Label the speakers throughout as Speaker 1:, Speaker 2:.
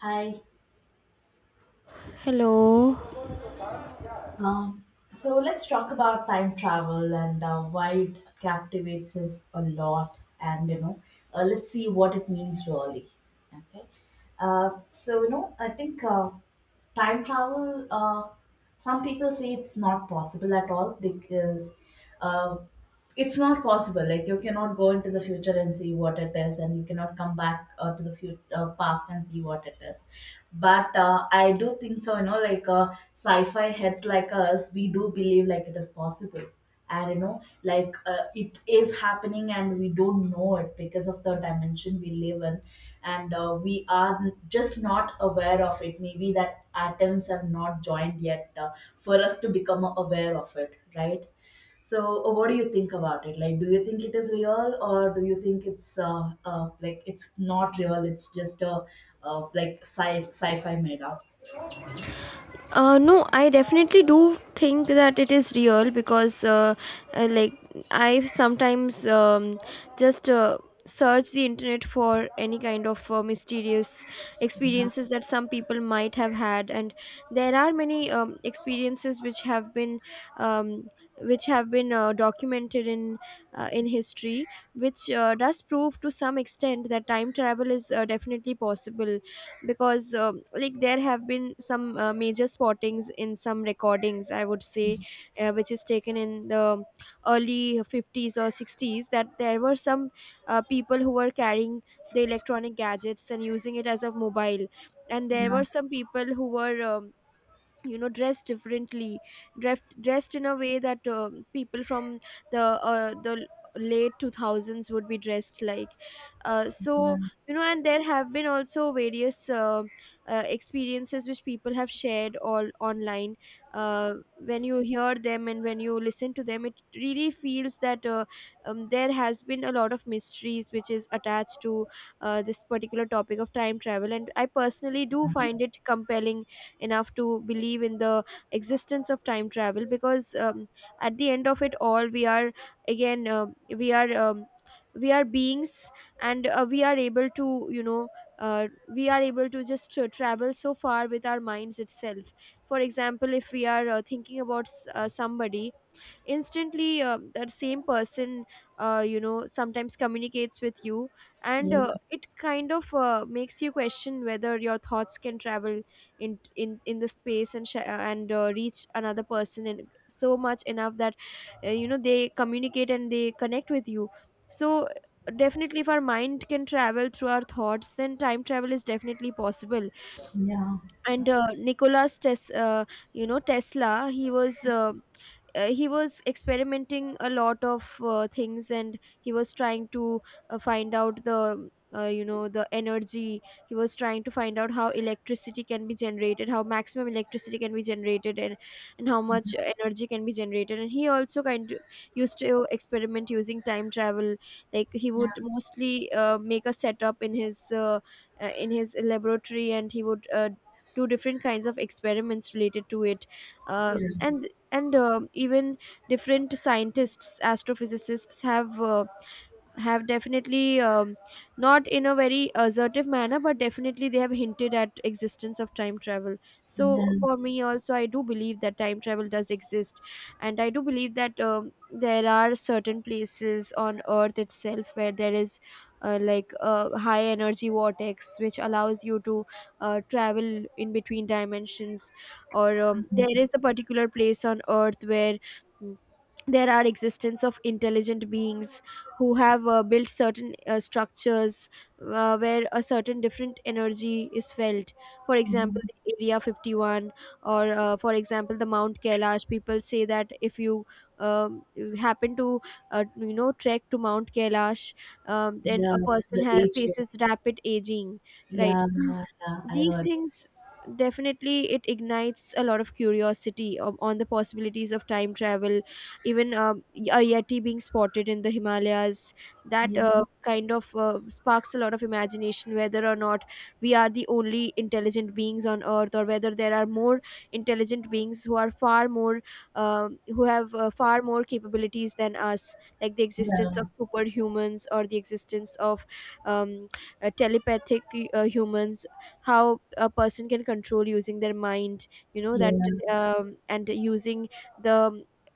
Speaker 1: Hi.
Speaker 2: Hello.
Speaker 1: Um, so let's talk about time travel and why it captivates us a lot. And let's see what it means really. Okay. I think time travel. Some people say it's not possible at all because uh, it's not possible, like you cannot go into the future and see what it is, and you cannot come back to the future past and see what it is. But I do think so, you know, like sci-fi heads like us, we do believe like it is possible. And it is happening and we don't know it because of the dimension we live in. And we are just not aware of it, maybe that atoms have not joined yet for us to become aware of it, right? So what do you think about it? Like, do you think it is real, or do you think it's like it's not real? It's just a like sci-fi meta.
Speaker 2: No, I definitely do think that it is real because, uh, like, I sometimes just search the internet for any kind of mysterious experiences that some people might have had, and there are many experiences which have um, been documented in history, which does prove to some extent that time travel is definitely possible because like there have been some major spottings in some recordings, I would say, which is taken in the early 50s or 60s, that there were some people who were carrying the electronic gadgets and using it as a mobile, and there
Speaker 1: Yeah,
Speaker 2: were some people who were you know, dressed differently, dressed in a way that people from the late 2000s would be dressed like. uh,
Speaker 1: yeah,
Speaker 2: so you know, and there have been also various experiences which people have shared all online. uh, when you hear them and when you listen to them, it really feels that there has been a lot of mysteries which is attached to this particular topic of time travel, and I personally do find it compelling enough to believe in the existence of time travel because at the end of it all, we are we are beings, and we are able to, you know, uh, we are able to just travel so far with our minds itself. For example, if we are thinking about somebody, instantly that same person, you know, sometimes communicates with you, and it kind of makes you question whether your thoughts can travel in the space and reach another person in so much enough that, you know, they communicate and they connect with you. So definitely, if our mind can travel through our thoughts, then time travel is definitely possible.
Speaker 1: yeah,
Speaker 2: And Nicholas Tesla, he was experimenting a lot of things, and he was trying to find out the you know, the energy. He was trying to find out how electricity can be generated, how maximum electricity can be generated, and how much energy can be generated. And he also kind of used to experiment using time travel. Like, he
Speaker 1: yeah,
Speaker 2: would mostly make a setup in his laboratory, and he would do different kinds of experiments related to it. uh,
Speaker 1: yeah.
Speaker 2: and and even different scientists, astrophysicists, have definitely not in a very assertive manner, but definitely they have hinted at existence of time travel.
Speaker 1: Yeah,
Speaker 2: So
Speaker 1: yeah,
Speaker 2: for me also, I do believe that time travel does exist, and I do believe that there are certain places on earth itself where there is like a high energy vortex which allows you to travel in between dimensions. Or there is a particular place on earth where mm, there are existence of intelligent beings who have built certain structures where a certain different energy is felt. For example, the area 51, or for example, the Mount Kailash. People say that if you um, happen to you know, trek to Mount Kailash, then
Speaker 1: yeah.
Speaker 2: a person
Speaker 1: The age. Group.
Speaker 2: faces rapid aging, right?
Speaker 1: Yeah,
Speaker 2: So
Speaker 1: yeah. I
Speaker 2: these
Speaker 1: heard.
Speaker 2: things, definitely it ignites a lot of curiosity on the possibilities of time travel. Even a yeti being spotted in the Himalayas, that
Speaker 1: Yeah,
Speaker 2: kind of sparks a lot of imagination whether or not we are the only intelligent beings on earth, or whether there are more intelligent beings who are far more who have far more capabilities than us. Like the existence
Speaker 1: yeah,
Speaker 2: of superhumans, or the existence of um, telepathic humans, how a person can control using their mind, you know, that
Speaker 1: yeah.
Speaker 2: and using the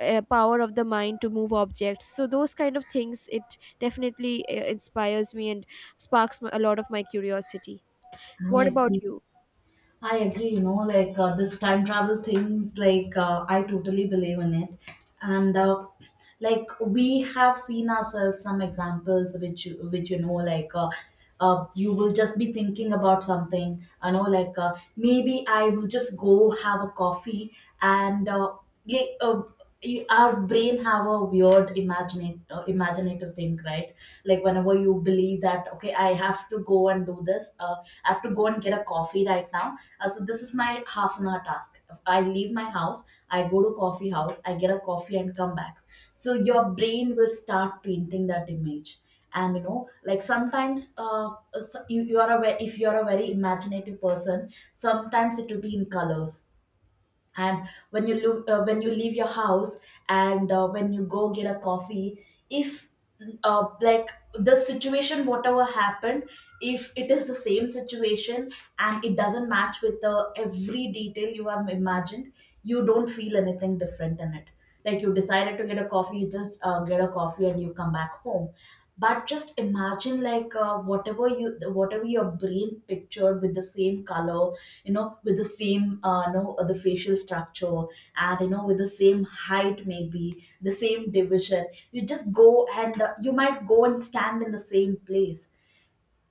Speaker 2: power of the mind to move objects. So those kind of things, it definitely inspires me and sparks a lot of my curiosity.
Speaker 1: I
Speaker 2: What about
Speaker 1: agree.
Speaker 2: you?
Speaker 1: I agree, you know, like this time travel things, like I totally believe in it. And like we have seen ourselves some examples which, which you know, like you will just be thinking about something, you know, like maybe I will just go have a coffee. And yeah, uh, our brain have a weird imagining imaginative thing, right? Like whenever you believe that okay, I have to go and do this, I have to go and get a coffee right now. So this is my half an hour task. I leave my house, I go to coffee house, I get a coffee and come back. So your brain will start painting that image. And you know, like sometimes you, you are a if you are a very imaginative person, sometimes it will be in colors. And when you look, when you leave your house and when you go get a coffee, if like the situation whatever happened, if it is the same situation and it doesn't match with the every detail you have imagined, you don't feel anything different in it. Like you decided to get a coffee, you just get a coffee and you come back home. But just imagine like whatever you, whatever your brain pictured with the same color, you know, with the same the facial structure, and you know, with the same height, maybe the same division, you just go and you might go and stand in the same place.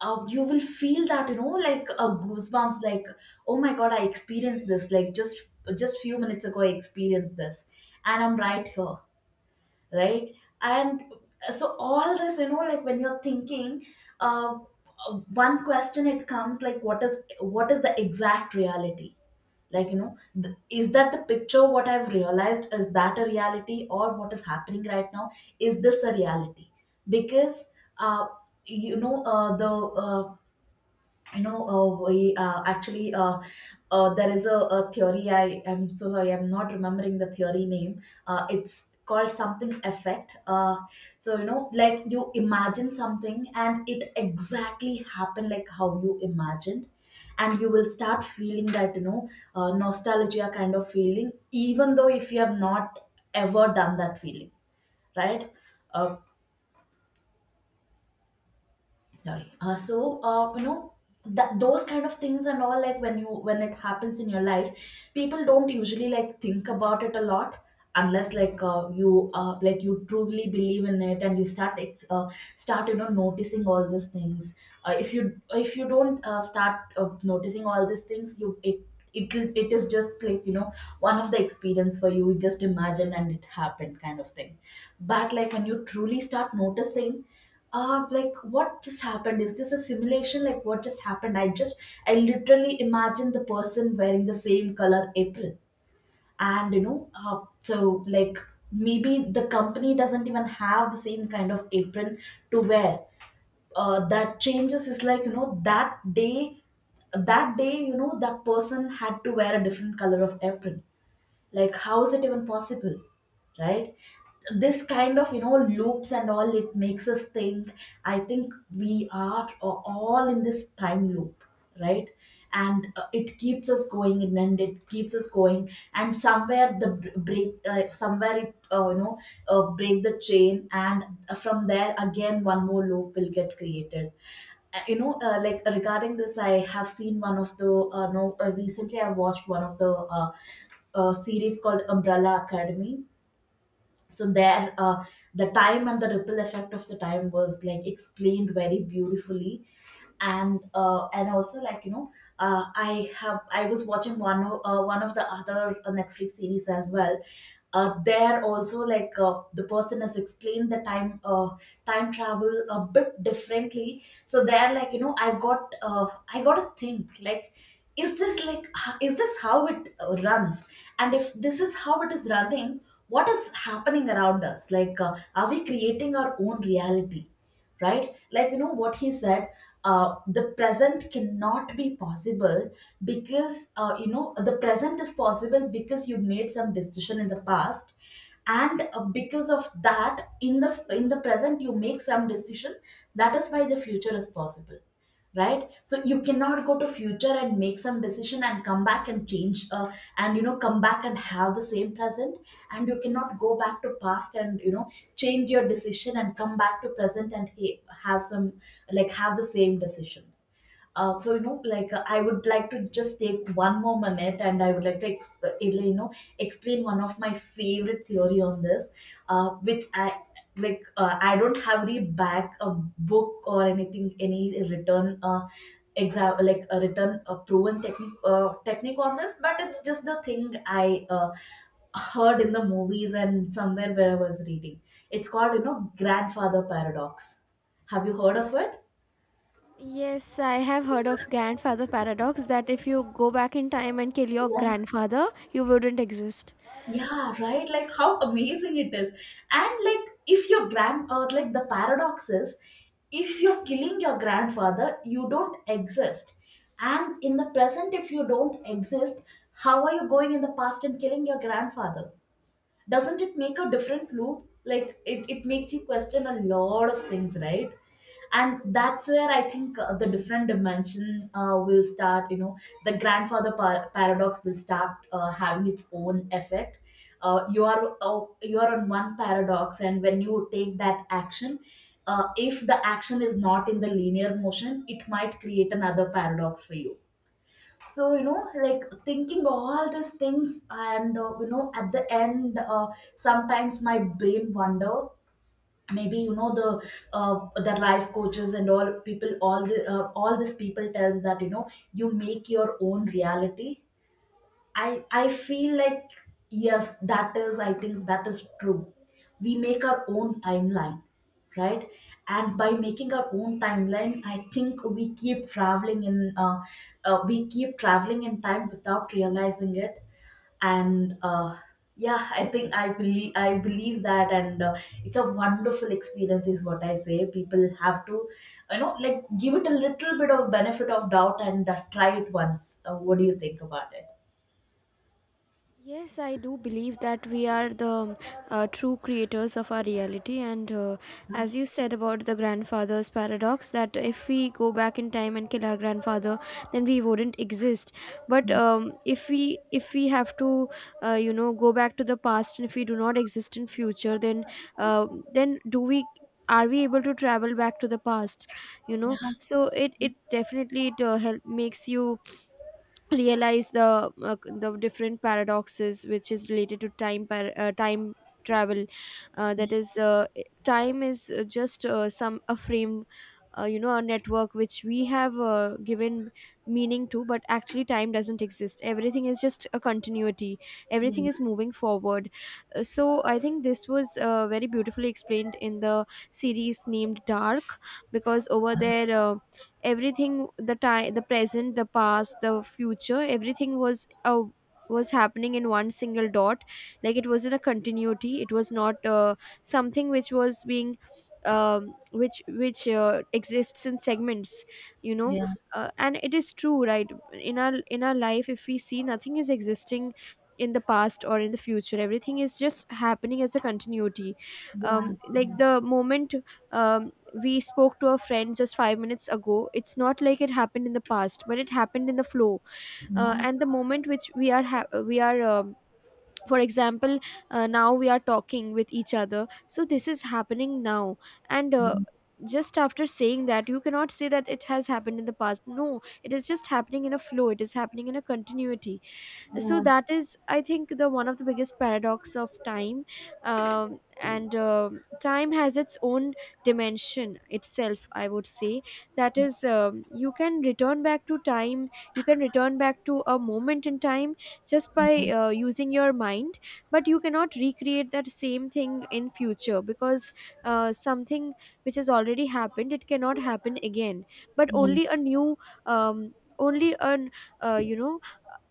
Speaker 1: You will feel that, you know, like a goosebumps, like oh my god, I experienced this like just few minutes ago I experienced this, and I'm right here, right? And So all this, you know, like when you're thinking, uh, uh, one question it comes, like what is the exact reality? Like you know, is that the picture what I've realized is that a reality, or what is happening right now, is this a reality? Because uh, you know the you know we actually there is a theory. I am so sorry, I'm not remembering the theory name. It's called something effect. So you know, like you imagine something and it exactly happened like how you imagined, and you will start feeling that you know, nostalgia kind of feeling, even though if you have not ever done that feeling, right? uh, sorry so You know, that those kind of things and all, like when you, when it happens in your life, people don't usually like think about it a lot, unless like you like you truly believe in it and you start start, you know, noticing all these things. If you, if you don't start noticing all these things, you, it it is just like, you know, one of the experience for you. You just imagine and it happened kind of thing. But like when you truly start noticing, like what just happened? Is this a simulation? Like what just happened? I just, I literally imagined the person wearing the same color apron, and you know, so like maybe the company doesn't even have the same kind of apron to wear. That changes is like, you know, that day, that day, you know, that person had to wear a different color of apron. Like how is it even possible, right? This kind of, you know, loops and all, it makes us think I think we are all in this time loop, right? And it keeps us going, and then it keeps us going, and somewhere the br- break somewhere it you know, break the chain, and from there again one more loop will get created. Like regarding this, I have seen one of the no recently I watched one of the uh, series called Umbrella Academy. So there, the time and the ripple effect of the time was like explained very beautifully. And and also like, you know, I have, I was watching one one of the other Netflix series as well. There also, like the person has explained the time travel a bit differently. So there, like, you know, I got I got to think like, is this like, is this how it runs? And if this is how it is running, what is happening around us? Like are we creating our own reality, right? Like you know what he said, the present cannot be possible because you know, the present is possible because you made some decision in the past, and because of that, in the, in the present you make some decision, that is why the future is possible, right? So you cannot go to future and make some decision and come back and change and you know, come back and have the same present. And you cannot go back to past and you know, change your decision and come back to present and have some, like have the same decision. So you know, like I would like to just take one more minute, and I would like to you know, explain one of my favorite theory on this, which I like. I don't have the back a book or anything, any written exam like a written, a proven technique on this, but it's just the thing I heard in the movies and somewhere where I was reading. It's called, you know, grandfather paradox. Have you heard of it?
Speaker 2: Yes, I have heard of grandfather paradox, that if you go back in time and kill your grandfather, you wouldn't exist.
Speaker 1: Yeah, right. Like how amazing it is. And like if your grand, or like the paradox is, if you're killing your grandfather, you don't exist. And in the present, if you don't exist, how are you going in the past and killing your grandfather? Doesn't it make a different loop? Like it makes you question a lot of things, right? And that's where I think the different dimension will start, you know, the grandfather paradox will start having its own effect. You are you are on one paradox, and when you take that action, if the action is not in the linear motion, it might create another paradox for you. So you know, like thinking all these things, and you know, at the end, sometimes my brain wonder, maybe you know, the life coaches and all people, all the all these people tells that, you know, you make your own reality. I feel like yes, that is, I think that is true. We make our own timeline, right? And by making our own timeline, I think we keep traveling in we keep traveling in time without realizing it. And yeah, I think I believe that, and it's a wonderful experience, is what I say. People have to, you know, like give it a little bit of benefit of doubt and try it once. What do you think about it?
Speaker 2: Yes, I do believe that we are the true creators of our reality. And as you said about the grandfather's paradox, that if we go back in time and kill our grandfather, then we wouldn't exist. But
Speaker 1: Yeah,
Speaker 2: if we have to, you know, go back to the past, and if we do not exist in future, uh, then do we? Are we able to travel back to the past? You know, so it definitely it help makes you realize the different paradoxes which is related to time travel. That is, time is just some a frame, you know, a network which we have given meaning to, but actually time doesn't exist. Everything is just a continuity.
Speaker 1: yeah,
Speaker 2: Everything is moving forward. So I think this was very beautifully explained in the series named Dark, because over there everything, the time, the present, the past, the future, everything was happening in one single dot. Like, it was in a continuity, it was not something which was being which exists in segments, you know.
Speaker 1: yeah,
Speaker 2: And it is true, right? In our life, if we see, nothing is existing in the past or in the future. Everything is just happening as a continuity.
Speaker 1: yeah,
Speaker 2: Like the moment, um, we spoke to a friend just 5 minutes ago, it's not like it happened in the past, but it happened in the flow.
Speaker 1: yeah, yeah,
Speaker 2: And the moment which we are for example, now, we are talking with each other, so this is happening now. And just after saying that, you cannot say that it has happened in the past. No, it is just happening in a flow, it is happening in a continuity.
Speaker 1: yeah,
Speaker 2: So
Speaker 1: yeah,
Speaker 2: that is, I think, the one of the biggest paradox of time. And Time has its own dimension itself, I would say. That is, you can return back to time, you can return back to a moment in time just by using your mind. But you cannot recreate that same thing in future, because something which has already happened, it cannot happen again, but
Speaker 1: yeah,
Speaker 2: only a new only an you know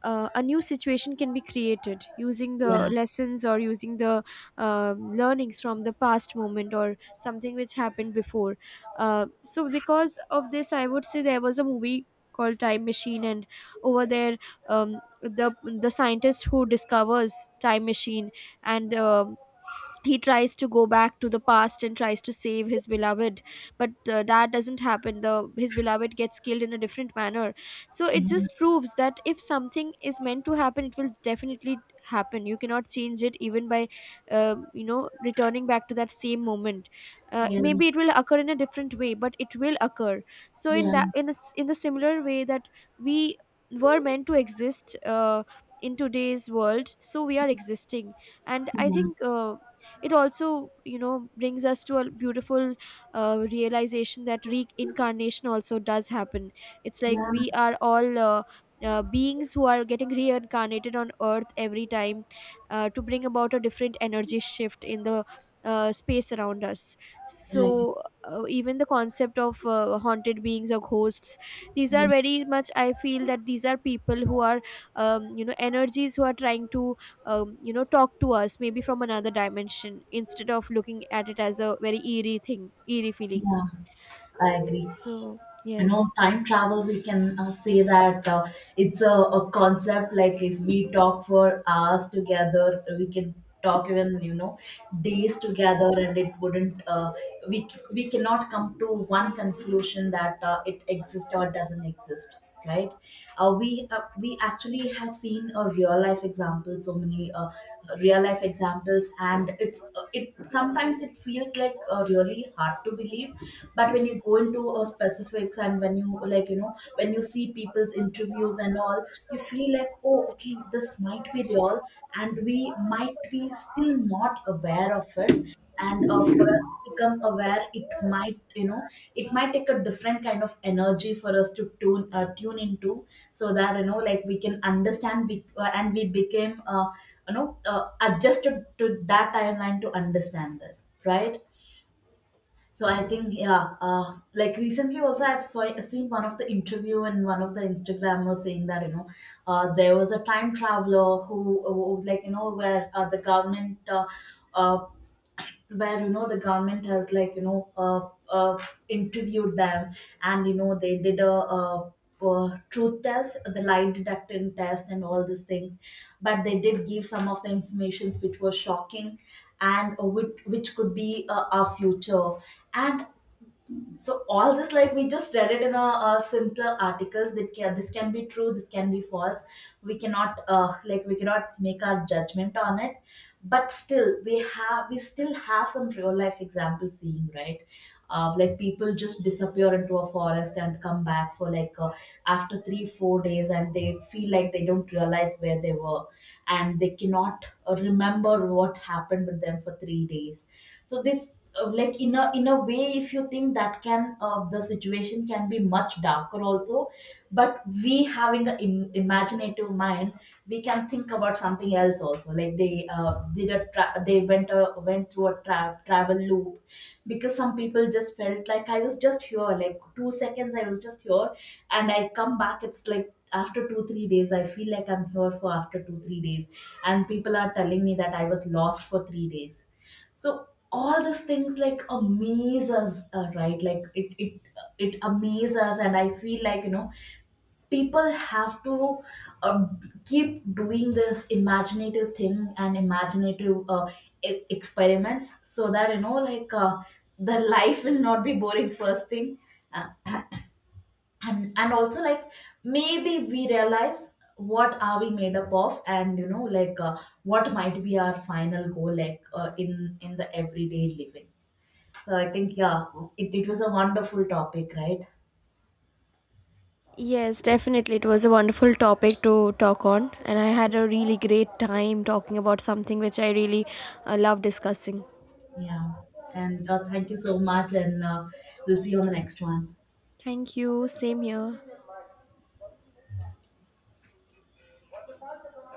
Speaker 2: a new situation can be created using the lessons, or using the learnings from the past moment, or something which happened before. So, because of this, I would say there was a movie called Time Machine, and over there, the scientist who discovers time machine, and he tries to go back to the past and tries to save his beloved, but that doesn't happen. The his beloved gets killed in a different manner. So it just proves that if something is meant to happen, it will definitely happen. You cannot change it, even by you know, returning back to that same moment.
Speaker 1: yeah,
Speaker 2: Maybe it will occur in a different way, but it will occur. So in
Speaker 1: yeah,
Speaker 2: that, in the similar way that we were meant to exist in today's world, so we are existing. And
Speaker 1: yeah,
Speaker 2: I
Speaker 1: yeah.
Speaker 2: think it also, you know, brings us to a beautiful realization that reincarnation also does happen. It's like we are all beings who are getting reincarnated on earth every time to bring about a different energy shift in the space around us.
Speaker 1: I agree.
Speaker 2: So even the concept of haunted beings or ghosts, these are
Speaker 1: Yeah,
Speaker 2: very much, I feel, that these are people who are you know, energies who are trying to you know, talk to us, maybe from another dimension, instead of looking at it as a very eerie thing, eerie feeling.
Speaker 1: yeah. I agree.
Speaker 2: So
Speaker 1: You know,
Speaker 2: yes.
Speaker 1: time travel, we can say that it's a concept, like if we talk for hours together, we can talk even, you know, days together, and it wouldn't, we cannot come to one conclusion that it exists or doesn't exist. Right. We actually have seen a real life example, so many real life examples. And it sometimes it feels like really hard to believe. But when you go into specifics, and when you, like, you know, when you see people's interviews and all, you feel like, oh, okay, this might be real. And we might be still not aware of it. And for us to become aware, it might, you know, it might take a different kind of energy for us to tune into, so that, you know, like, we can understand and we became adjusted to that timeline to understand this. Right. So I think, yeah, like recently also I've seen one of the interview and one of the instagrammers saying that, you know, there was a time traveler who, like, you know, uh, where you know the government has, like, you know, interviewed them. And, you know, they did truth test, the lie detector test, and all these things. But they did give some of the informations which were shocking, and which could be our future. And so all this, like, we just read it in a simpler articles that can, this can be true, this can be false. We cannot, like, we cannot make our judgment on it. But still we have we still have some real life examples seeing, right? Like, people just disappear into a forest and come back for, like, after 3 4 days, and they feel like they don't realize where they were. And they cannot remember what happened with them for 3 days. So this, like, in a way, if you think that, can the situation can be much darker also. But we, having an imaginative mind, we can think about something else also, like they went a, went through a tra- travel loop. Because some people just felt like, I was just here, like 2 seconds I was just here, and I come back, it's like after 2 3 days, I feel like I'm here for after 2 3 days, and people are telling me that I was lost for 3 days. So all these things, like, amaze us, right? Like, it amazes us. And I feel like, you know, people have to uh, keep doing this imaginative thing and imaginative experiments, so that, you know, like, the life will not be boring. First thing, uh, and also, like, maybe we realize what are we made up of, and, you know, like, what might be our final goal, like, in the everyday living. So I think, yeah, it was a wonderful topic, right?
Speaker 2: Yes, definitely it was a wonderful topic to talk on, and I had a really great time talking about something which I really love discussing.
Speaker 1: Yeah. And thank you so much. And we'll see you on the next one.
Speaker 2: Thank you, same here.